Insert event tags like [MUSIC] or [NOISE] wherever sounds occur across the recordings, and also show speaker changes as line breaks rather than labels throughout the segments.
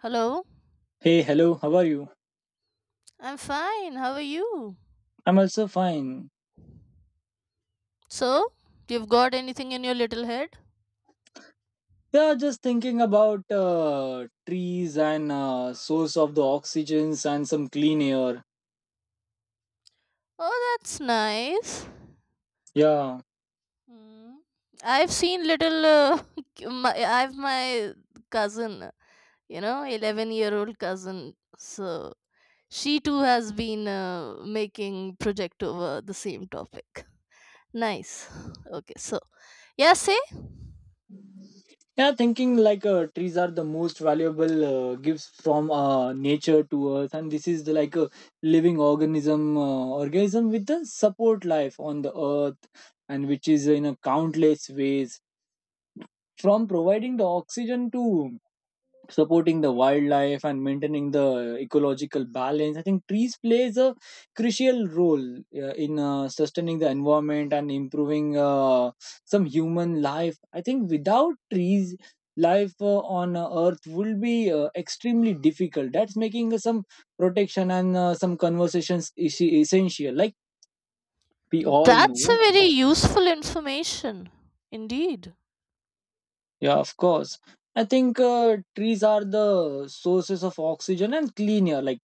Hello,
Hey, hello, how are you?
I'm fine. How are you?
I'm also fine.
So, you've got anything in your little head?
Yeah, just thinking about trees and source of the oxygens and some clean air.
Oh, that's nice.
Yeah,
Hmm. I've seen little. [LAUGHS] I've my cousin, you know, 11-year-old cousin. So she too has been making project over the same topic. Nice. Okay, so yeah, say
yeah, thinking like trees are the most valuable gifts from nature to earth, and this is like a living organism, organism with the support life on the earth, and which is in a countless ways, from providing the oxygen to supporting the wildlife and maintaining the ecological balance. I think trees plays a crucial role in sustaining the environment and improving some human life. I think without trees, life on earth will be extremely difficult, that's making some protection and some conversations is essential, like we all
that's a
know.
very useful information indeed.
Yeah, of course. I think trees are the sources of oxygen and clean air. Like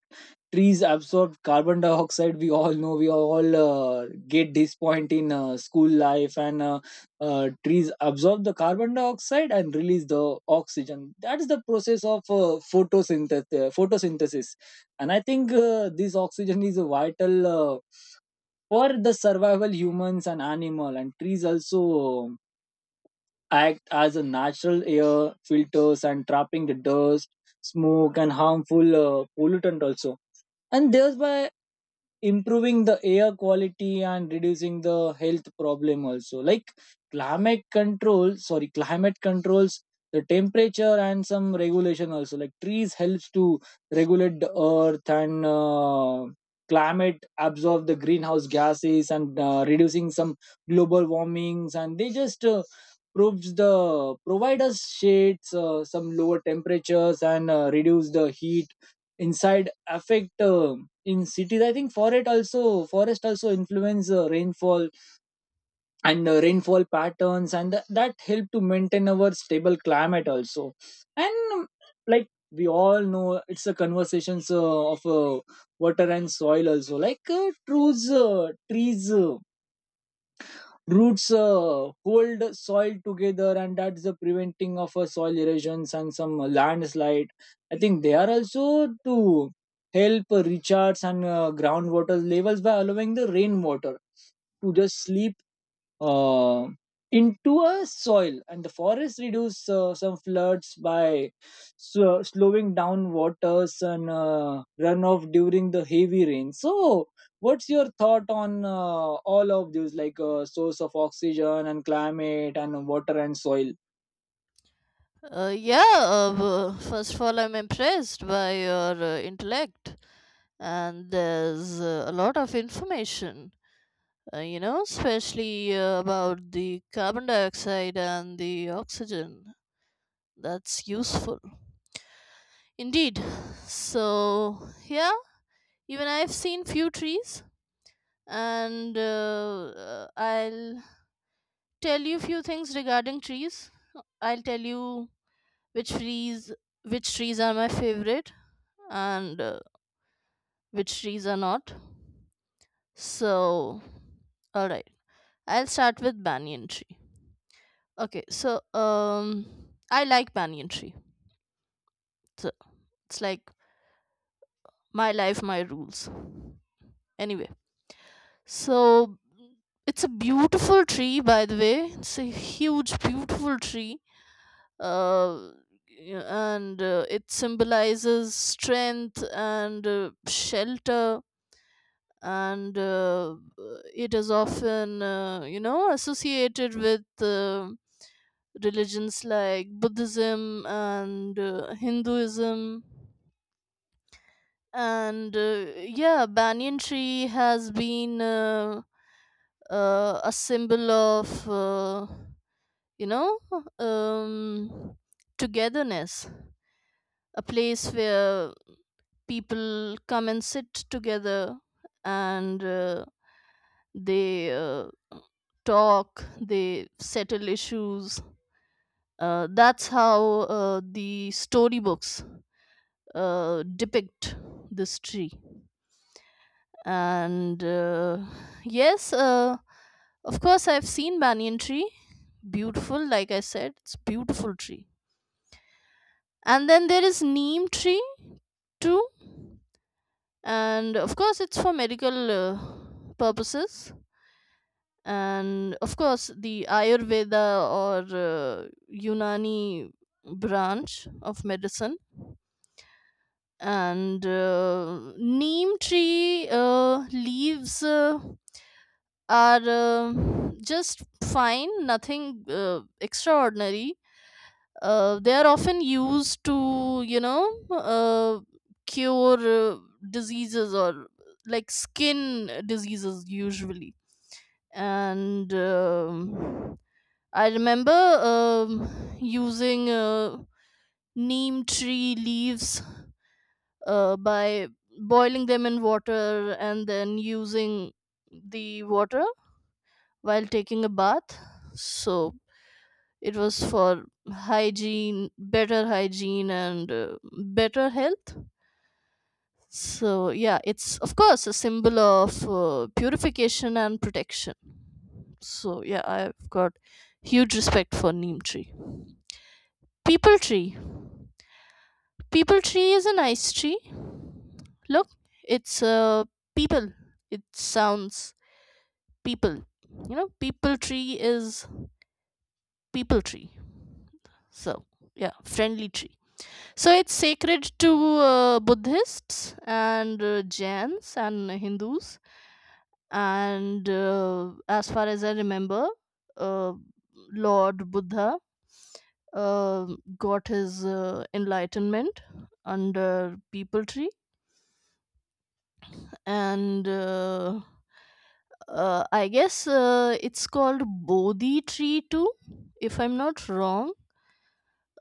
trees absorb carbon dioxide. We all know. We all get this point in school life, and trees absorb the carbon dioxide and release the oxygen. That is the process of photosynthesis. Photosynthesis. And I think this oxygen is a vital. For the survival humans and animal, and trees also act as a natural air filters and trapping the dust, smoke, and harmful pollutant also. And thereby improving the air quality and reducing the health problem also, like climate control, sorry, climate controls the temperature and some regulation also, like trees helps to regulate the earth and climate, absorb the greenhouse gases and reducing some global warmings, and they just proves the provide us shades, some lower temperatures and reduce the heat inside affect in cities. I think forest also influence rainfall and rainfall patterns, and that help to maintain our stable climate also. And Like we all know, it's a conversations of water and soil also. Like trees roots hold soil together, and that's the preventing of soil erosions and some landslide. I think they are also to help recharge and groundwater levels by allowing the rainwater to just sleep uh, into a soil. And the forests reduce some floods by slowing down waters and runoff during the heavy rain. So what's your thought on all of these, like source of oxygen and climate and water and soil?
Yeah, first of all, I'm impressed by your intellect, and there's a lot of information, you know, especially about the carbon dioxide and the oxygen. That's useful. Indeed. So, yeah, even I've seen few trees, and I'll tell you few things regarding trees. I'll tell you which trees which trees are my favorite and which trees are not. So, all right. I'll start with banyan tree. Okay, so I like banyan tree. So it's like my life, my rules. Anyway, so it's a beautiful tree, by the way. It's a huge, beautiful tree. Uh, and it symbolizes strength and shelter and it is often associated with religions like Buddhism and Hinduism and yeah, banyan tree has been a symbol of you know um, togetherness, a place where people come and sit together and they talk, they settle issues. That's how the storybooks depict this tree. And yes, of course, I've seen banyan tree. Beautiful, like I said, it's beautiful tree. And then there is neem tree too, and of course, it's for medical purposes and of course the Ayurveda or Unani branch of medicine and neem tree leaves are just fine, nothing extraordinary. They are often used to cure uh, diseases or like skin diseases usually. And I remember using neem tree leaves by boiling them in water and then using the water while taking a bath. So it was for hygiene, better hygiene, and better health. So, yeah, it's of course a symbol of purification and protection. So, yeah, I've got huge respect for neem tree. People tree. People tree is a nice tree. Look, it's a people. It sounds people. You know, people tree is people tree. So, yeah, friendly tree. So, it's sacred to Buddhists and Jains and Hindus. And as far as I remember, uh, Lord Buddha uh, got his enlightenment under people tree, and I guess it's called Bodhi tree too, if I'm not wrong,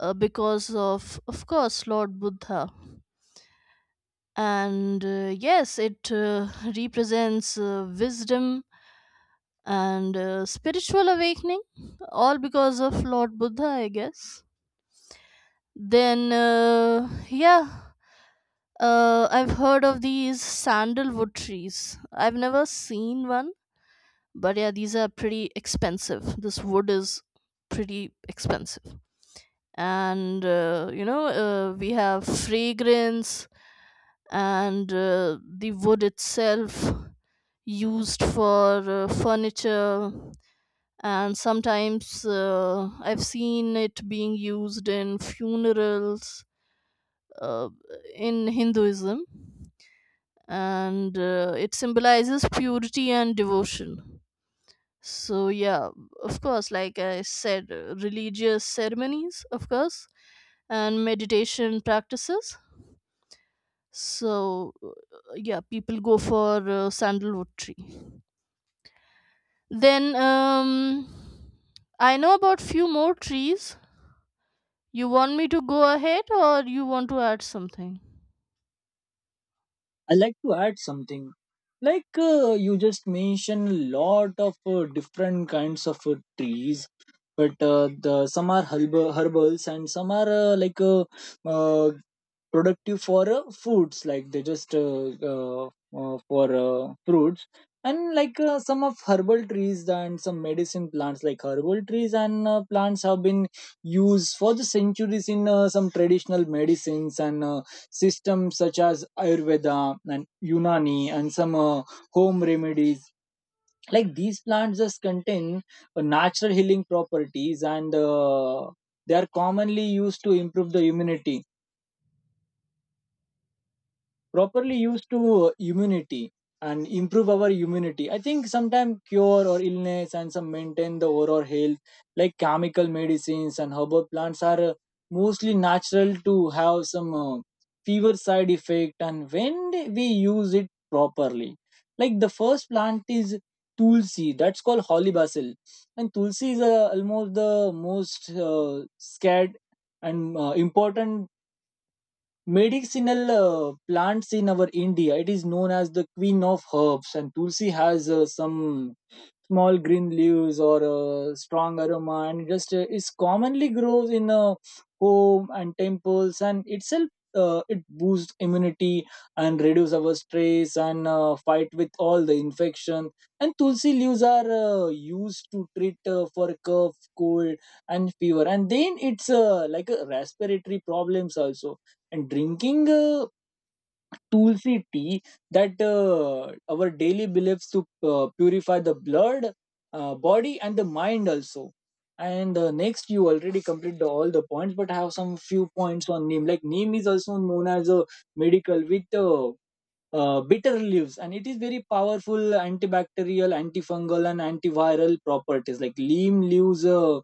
because of course, Lord Buddha. And yes, it [LAUGHS] represents wisdom and spiritual awakening, all because of Lord Buddha, I guess. Then, yeah, I've heard of these sandalwood trees. I've never seen one, but yeah, these are pretty expensive. This wood is pretty expensive, and we have fragrance and the wood itself used for furniture, and sometimes I've seen it being used in funerals uh, in Hinduism, and it symbolizes purity and devotion. So yeah, of course, like I said, religious ceremonies, of course, and meditation practices. So yeah, people go for sandalwood tree. Then I know about few more trees. You want me to go ahead, or you want to add something?
I like to add something, like you just mentioned a lot of different kinds of trees, but the some are herbals, and some are uh, productive for foods, like they just for fruits. And like some of herbal trees and some medicine plants, like herbal trees and plants have been used for the centuries in some traditional medicines and systems such as ayurveda and unani and some home remedies. Like these plants just contain natural healing properties, and they are commonly used to improve the immunity, properly used to immunity and improve our immunity. I think sometimes cure or illness and some maintain the overall health, like chemical medicines and herbal plants are mostly natural to have some fever side effect, and when we use it properly. Like the first plant is tulsi, that's called holy basil, and tulsi is almost the most scared and important medicinal plants in our india. It is known as the queen of herbs, and tulsi has some small green leaves or a strong aroma, and just is commonly grows in home and temples, and itself it boosts immunity and reduce our stress and fight with all the infection. And tulsi leaves are used to treat for cough, cold, and fever, and then it's like a respiratory problems also. And drinking tulsi tea, that our daily beliefs to purify the blood, body, and the mind also. And next you already complete all the points, but I have some few points on neem. Like neem is also known as a medical with bitter leaves, and it is very powerful antibacterial, antifungal, and antiviral properties. Like neem leaves,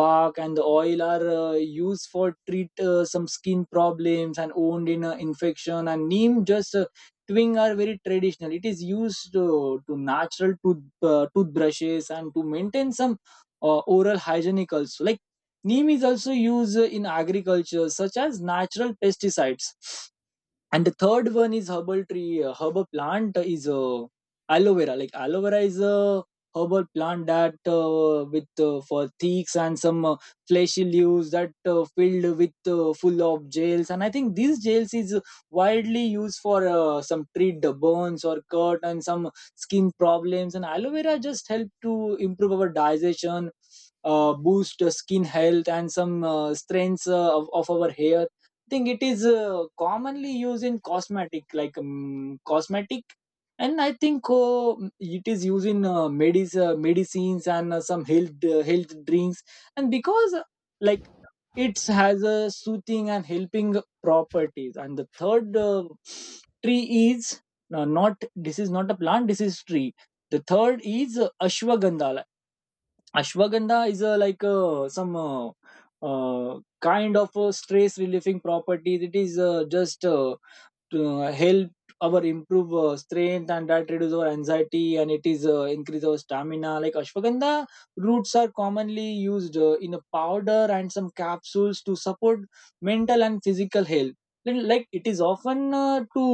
bark, and the oil are used for treat some skin problems and wound in infection. And neem just twing are very traditional. It is used to natural tooth, toothbrushes, and to maintain some oral hygienic also. Like neem is also used in agriculture such as natural pesticides. And the third one is herbal tree, herbal plant is aloe vera. Like aloe vera is a herbal plant that with for thicks and some fleshy leaves that filled with full of gels. And I think these gels is widely used for some treat the burns or cut and some skin problems. And aloe vera just help to improve our digestion, boost skin health and some strengths of our hair. Think it is commonly used in cosmetic, like cosmetic, and I think it is used in medicines and some health health drinks, and because like it has a soothing and helping properties. And the third tree is not, this is not a plant, this is tree. The third is ashwagandha. Ashwagandha is a like some kind of a stress relieving property. It is just to help our improve strength and that reduce our anxiety, and it is increase our stamina. Like ashwagandha roots are commonly used in a powder and some capsules to support mental and physical health. Then, like it is often to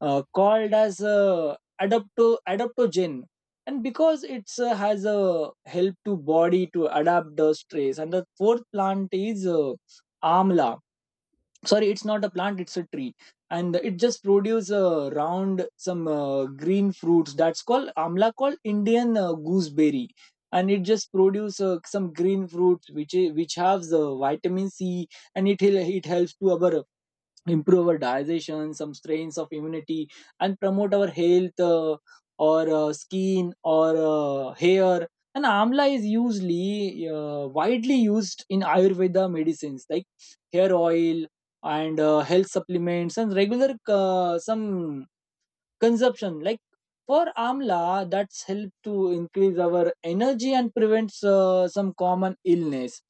called as adapto adaptogen, and because it has a help to body to adapt the stress. And the fourth plant is amla, sorry it's not a plant, it's a tree, and it just produce round some green fruits, that's called amla, called indian gooseberry. And it just produce some green fruits which which have the vitamin c. And it helps to our improve our digestion, some strains of immunity, and promote our health, or skin or hair. And amla is usually widely used in Ayurveda medicines, like hair oil and health supplements and regular some consumption. Like for amla, that's help to increase our energy and prevents some common illness.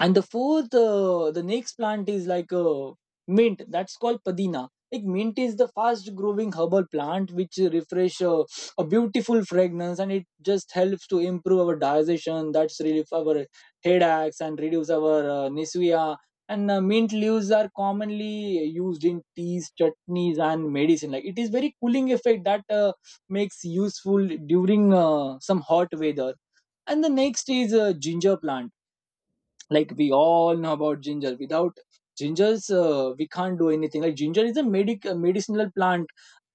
And the fourth the next plant is like a mint, that's called padina. Like mint is the fast growing herbal plant which refresh a beautiful fragrance, and it just helps to improve our digestion, that's relief our headaches and reduce our nausea. And mint leaves are commonly used in teas, chutneys, and medicine. Like it is very cooling effect that makes useful during some hot weather. And the next is ginger plant. Like we all know about ginger, without gingers we can't do anything. Like ginger is a medic a medicinal plant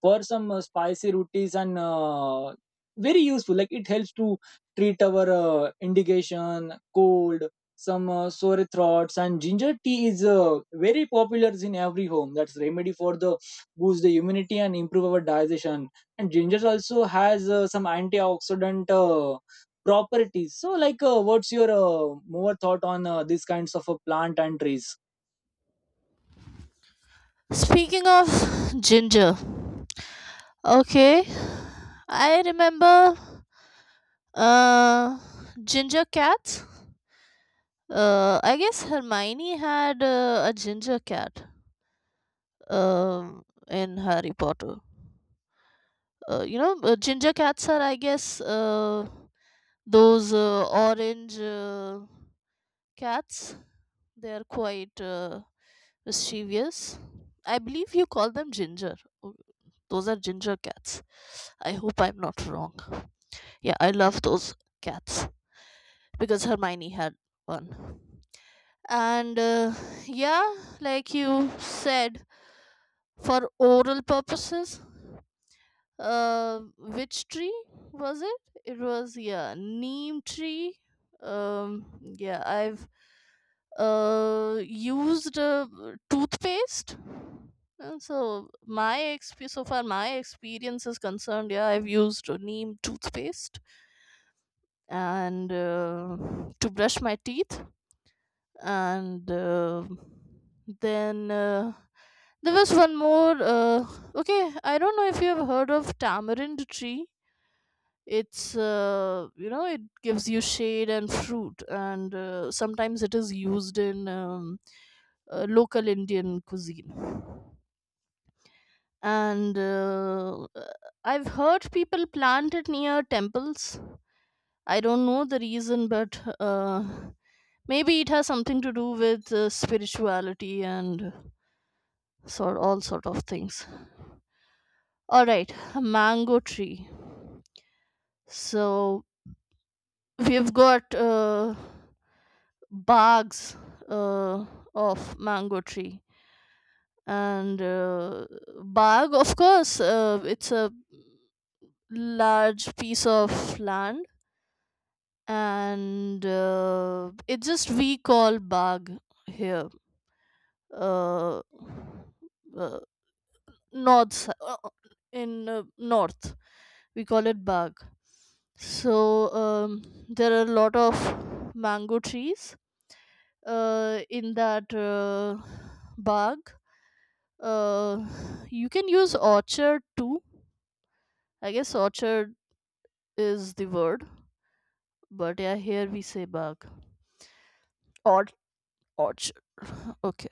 for some spicy rotis and very useful. Like it helps to treat our indigestion, cold, some sore throats, and ginger tea is very popular in every home, that's remedy for the boost the immunity and improve our digestion. And ginger also has some antioxidant properties. So, like, what's your more thought on these kinds of plant and trees?
Speaking of [SIGHS] ginger, okay, I remember uh, ginger cats. I guess Hermione had a ginger cat um, in Harry Potter. You know, ginger cats are, I guess, those orange cats. They are quite mischievous. I believe you call them ginger. Oh, those are ginger cats. I hope I'm not wrong. Yeah, I love those cats because Hermione had one. And yeah, like you said, for oral purposes. Which tree was it? It was, yeah, neem tree. Yeah, I've used toothpaste. And so so far my experience is concerned. Yeah, I've used neem toothpaste and to brush my teeth, and then there was one more. Okay, I don't know if you have heard of tamarind tree. It's you know, it gives you shade and fruit, and sometimes it is used in local Indian cuisine, and I've heard people plant it near temples. I don't know the reason, but maybe it has something to do with spirituality and sort, all sort of things. All right, mango tree. So we've got bags uh, of mango tree, and bag, of course, it's a large piece of land, and it's just, we call bag here. uh, uh, north s- uh, in north we call it bag. So there are a lot of mango trees in that bag. Uh, you can use orchard too. I guess orchard is the word, but yeah, here we say bag or orchard. [LAUGHS] Okay.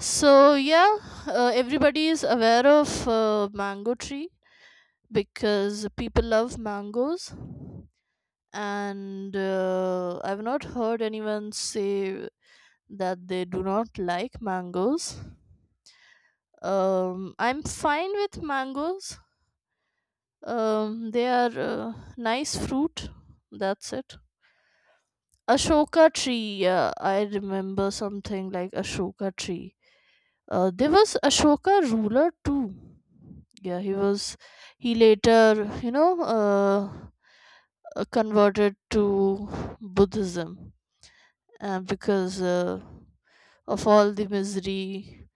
So yeah, everybody is aware of mango tree because people love mangoes, and I've not heard anyone say that they do not like mangoes. I'm fine with mangoes. They are nice fruit. That's it. Ashoka tree. Yeah, I remember something like Ashoka tree. There was Ashoka ruler too. Yeah, he was. He later, you know, converted to Buddhism because of all the misery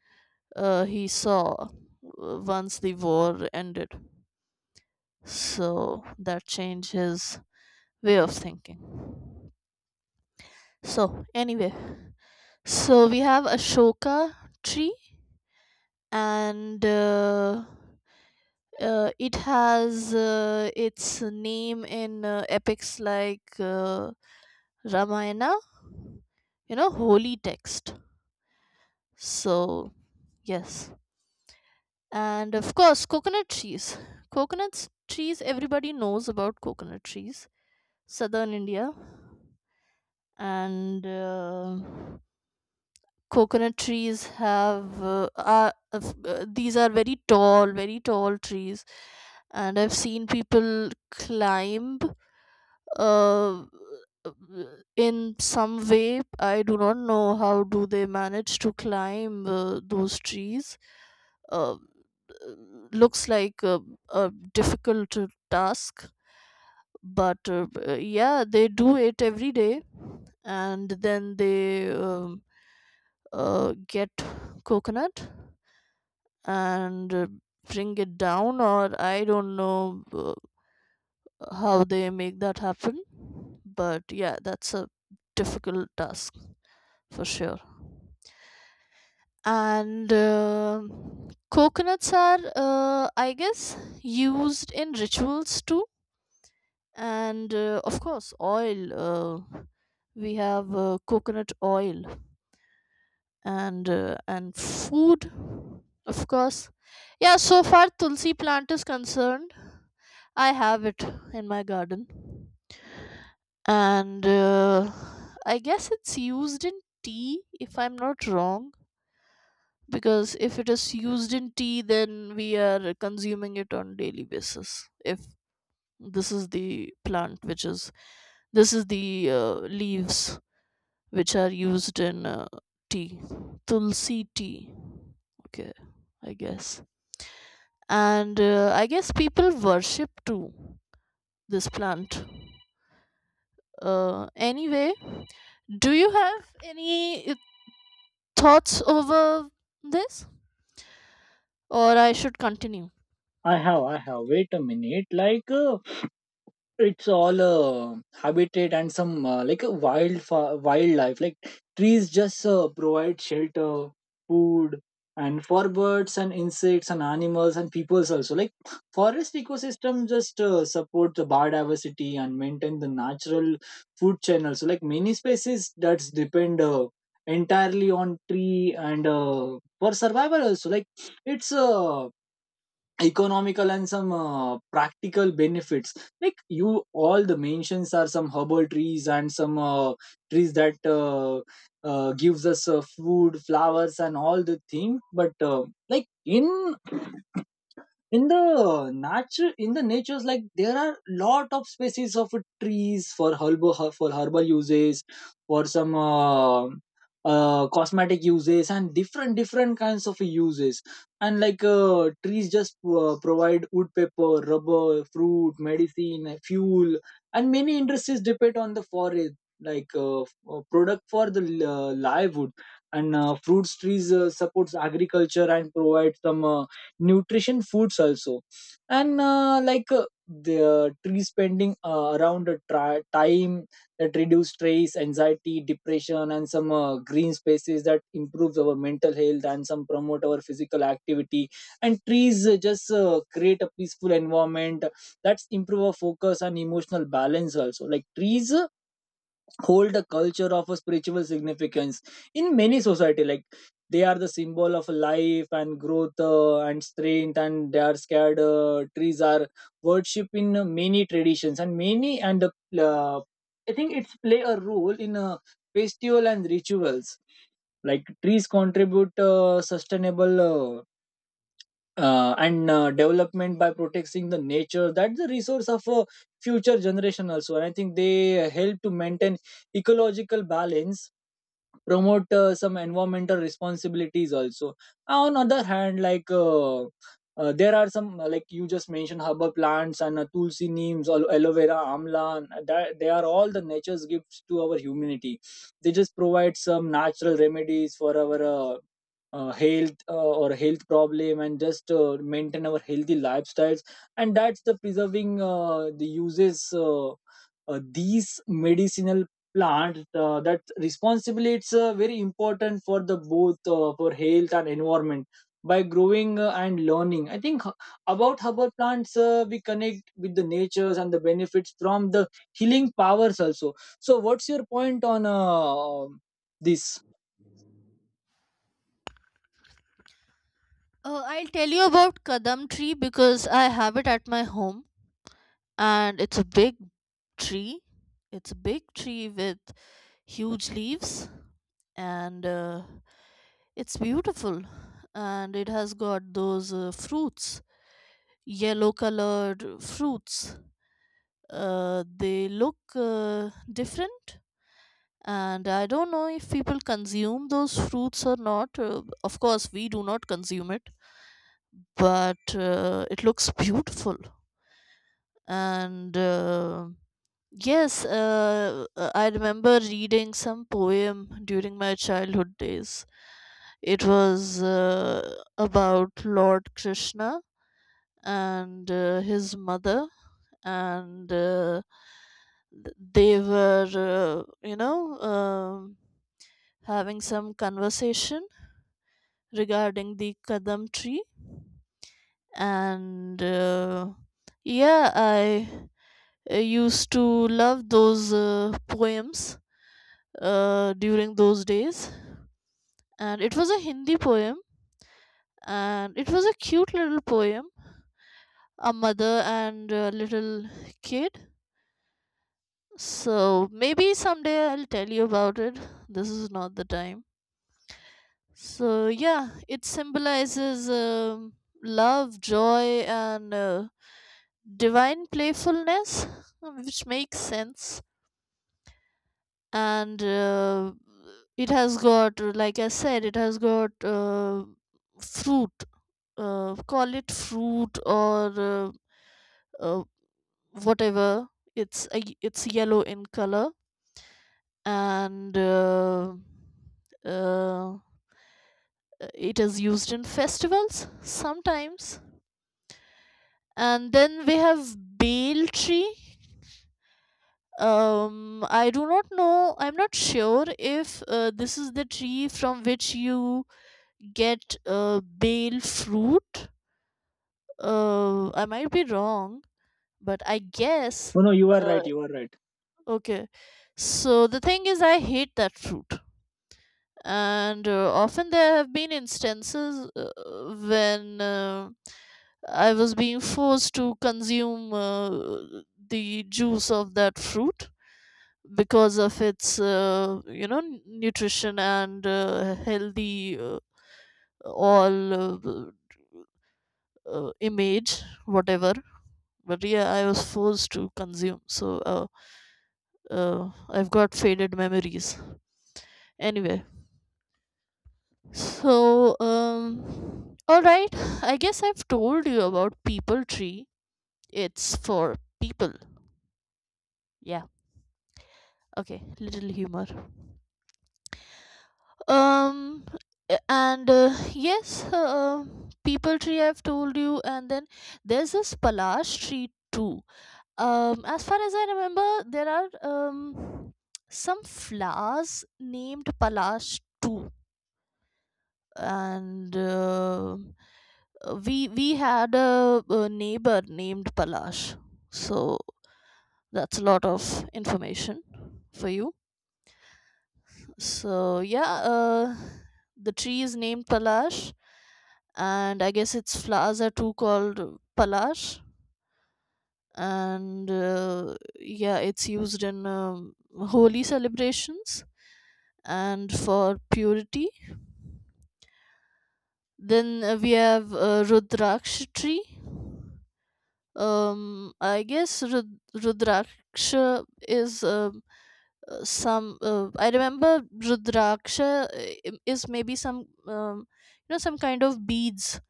he saw once the war ended. So that changed his way of thinking. So, anyway, so we have Ashoka tree, and it has its name in epics like Ramayana, you know, holy text. So, yes. And of course, coconut trees. Coconut trees, everybody knows about coconut trees. Southern India. And coconut trees have are, f- these are very tall, very tall trees. And I've seen people climb uh, in some way. I do not know how do they manage to climb those trees. Uh, uh, Looks like a difficult task, but yeah, they do it every day, and then they get coconut and bring it down, or I don't know how they make that happen. But yeah, that's a difficult task for sure. And coconuts are I guess used in rituals too, and of course oil. We have coconut oil, and food, of course. Yeah, so far tulsi plant is concerned, I have it in my garden, and I guess it's used in tea, if I'm not wrong, because if it is used in tea, then we are consuming it on daily basis. If this is the plant which is, this is the leaves which are used in tea, tulsi tea. Okay, I guess. And I guess people worship too this plant. Anyway, do you have any thoughts over this, or I should continue?
I have. Wait a minute. Like, it's all habitat and some like a wildlife. Like trees just provide shelter, food, and for birds and insects and animals and peoples also. Like forest ecosystem just support the biodiversity and maintain the natural food channel. So like many species that's depend entirely on tree and for survival also. Like it's economical and some practical benefits. Like you all the mentions are some herbal trees and some trees that gives us food, flowers, and all the thing. But like in the nature, in the natures, like there are lot of species of trees for herbal uses, for some cosmetic uses, and different different kinds of uses. And like trees just provide wood, paper, rubber, fruit, medicine, fuel, and many industries depend on the forest, like product for the livewood. And fruits trees supports agriculture and provides some nutrition foods also. And like the tree spending around time that reduce stress, anxiety, depression, and some green spaces that improves our mental health and some promote our physical activity. And trees just create a peaceful environment that's improve our focus and emotional balance also. Like trees hold a culture of a spiritual significance in many society. Like they are the symbol of life and growth and strength, and they are scared. Trees are worship in many traditions and many and uh, I think it's play a role in festival and rituals. Like trees contribute sustainable and development by protecting the nature, that's the resource of a future generation also. And I think they help to maintain ecological balance, promote some environmental responsibilities also. On other hand, like there are some like you just mentioned herbal plants and tulsi, neems, aloe vera, amla, and that, they are all the nature's gifts to our humanity. They just provide some natural remedies for our health or health problem, and just maintain our healthy lifestyles. And that's the preserving the uses these medicinal plant that responsibly, it's very important for the both, for health and environment. By growing and learning, I think about herbal plants we connect with the natures and the benefits from the healing powers also. So what's your point on this?
I'll tell you about kadam tree because I have it at my home, and it's a big tree. It's a big tree with huge leaves, and it's beautiful. And it has got those fruits, yellow colored fruits. They look different, and I don't know if people consume those fruits or not. Of course, we do not consume it, but it looks beautiful. And yes, I remember reading some poem during my childhood days. It was about Lord Krishna and his mother, and they were, you know, having some conversation regarding the Kadam tree. And yeah, I used to love those poems during those days. And it was a Hindi poem, and it was a cute little poem, a mother and a little kid. So maybe someday I'll tell you about it. This is not the time. So yeah, it symbolizes love, joy, and divine playfulness, which makes sense. And it has got, like I said, it has got fruit. Call it fruit or uh, whatever. It's a, it's yellow in color, and uh, it is used in festivals sometimes. And then we have bale tree. I do not know. I'm not sure if this is the tree from which you get bale fruit. I might be wrong, but I guess.
No, no, you are
uh,
right, you are right.
Okay. So the thing is, I hate that fruit. And often there have been instances when I was being forced to consume the juice of that fruit because of its, you know, nutrition and healthy all image, whatever. But yeah, I was forced to consume. So I've got faded memories. Anyway, so, all right. I guess I've told you about people tree. It's for people. Yeah. Okay. Little humor. Um, and yes, people tree I've told you, and then there's this palash tree too. As far as I remember, there are some flowers named palash too. And we had a neighbor named Palash. So that's a lot of information for you. So yeah, the tree is named Palash, and I guess its flowers are too called Palash. And yeah, it's used in holy celebrations and for purity. Then we have Rudraksh tree. I guess Rudraksha is some. I remember Rudraksha is maybe some, you know, some kind of beads.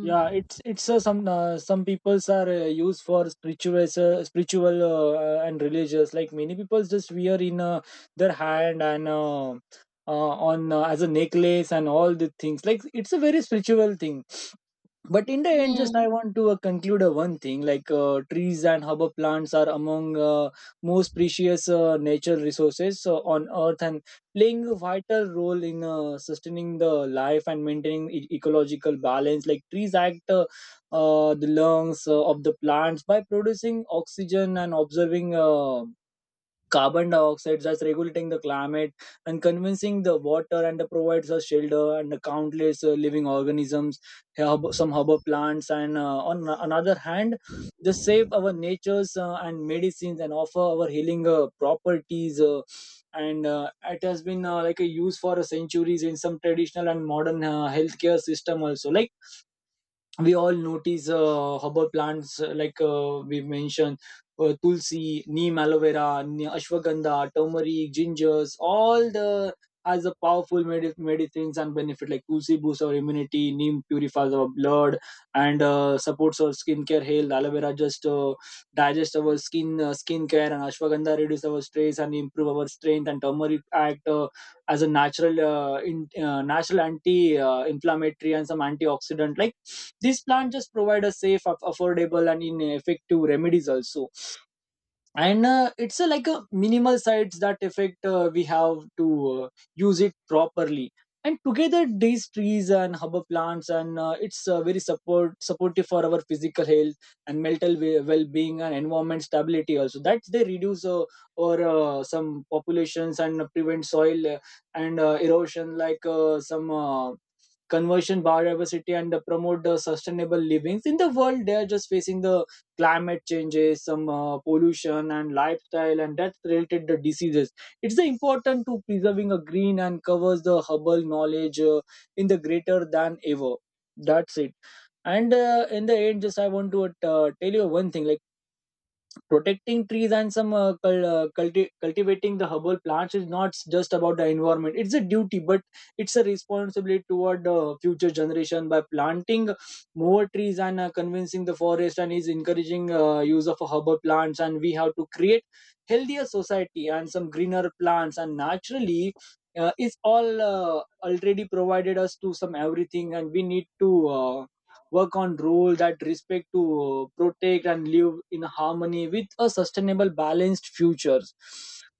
Yeah, it's some peoples are used for spiritual spiritual and religious. Like many people just wear in their hand and on as a necklace and all the things, like it's a very spiritual thing. But in the end, just
Hmm.
I want to conclude one thing, like trees and herb plants are among most precious natural resources on earth, and playing a vital role in sustaining the life and maintaining ecological balance. Like trees act the lungs of the plants by producing oxygen and observing carbon dioxide, that's regulating the climate and convincing the water and provides a shelter and countless living organisms. Herb, some herbal plants, and on another hand, they save our natures and medicines and offer our healing properties and it has been like a use for centuries in some traditional and modern healthcare system also. Like we all notice herbal plants like we mentioned tulsi, neem, aloe vera, ashwagandha, turmeric, gingers, all the, as a powerful medicines and benefit. Like tulsi boosts our immunity, neem purifies our blood and supports our skincare health, aloe vera just digest our skin, skincare, and ashwagandha reduce our stress and improve our strength, and turmeric act as a natural anti inflammatory and some antioxidant. Like these plants just provide a safe, affordable, and in effective remedies also. And it's a, like a minimal sites that effect, we have to use it properly. And together these trees and herb plants, and it's very supportive for our physical health and mental well-being and environment stability also, that they reduce or some populations and prevent soil and erosion. Like some conversion biodiversity and promote the sustainable livings in the world, they are just facing the climate changes, some pollution and lifestyle, and that's related the diseases. It's the important to preserving a green and covers the herbal knowledge in the greater than ever. That's it. And in the end, just I want to tell you one thing, like protecting trees and some cultivating the herbal plants is not just about the environment, it's a duty, but it's a responsibility toward the future generation. By planting more trees and convincing the forest and is encouraging use of herbal plants, and we have to create healthier society and some greener plants, and naturally it's all already provided us to some everything, and we need to work on rules that respect to protect and live in harmony with a sustainable balanced futures.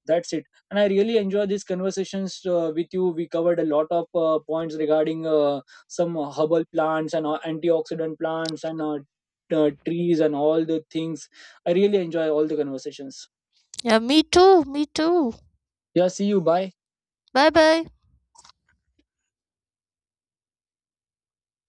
That's it. And I really enjoy these conversations with you. We covered a lot of points regarding some herbal plants and antioxidant plants and trees and all the things. I really enjoy all the conversations.
Yeah, me too. Me too.
Yeah, see you, bye.
Bye bye.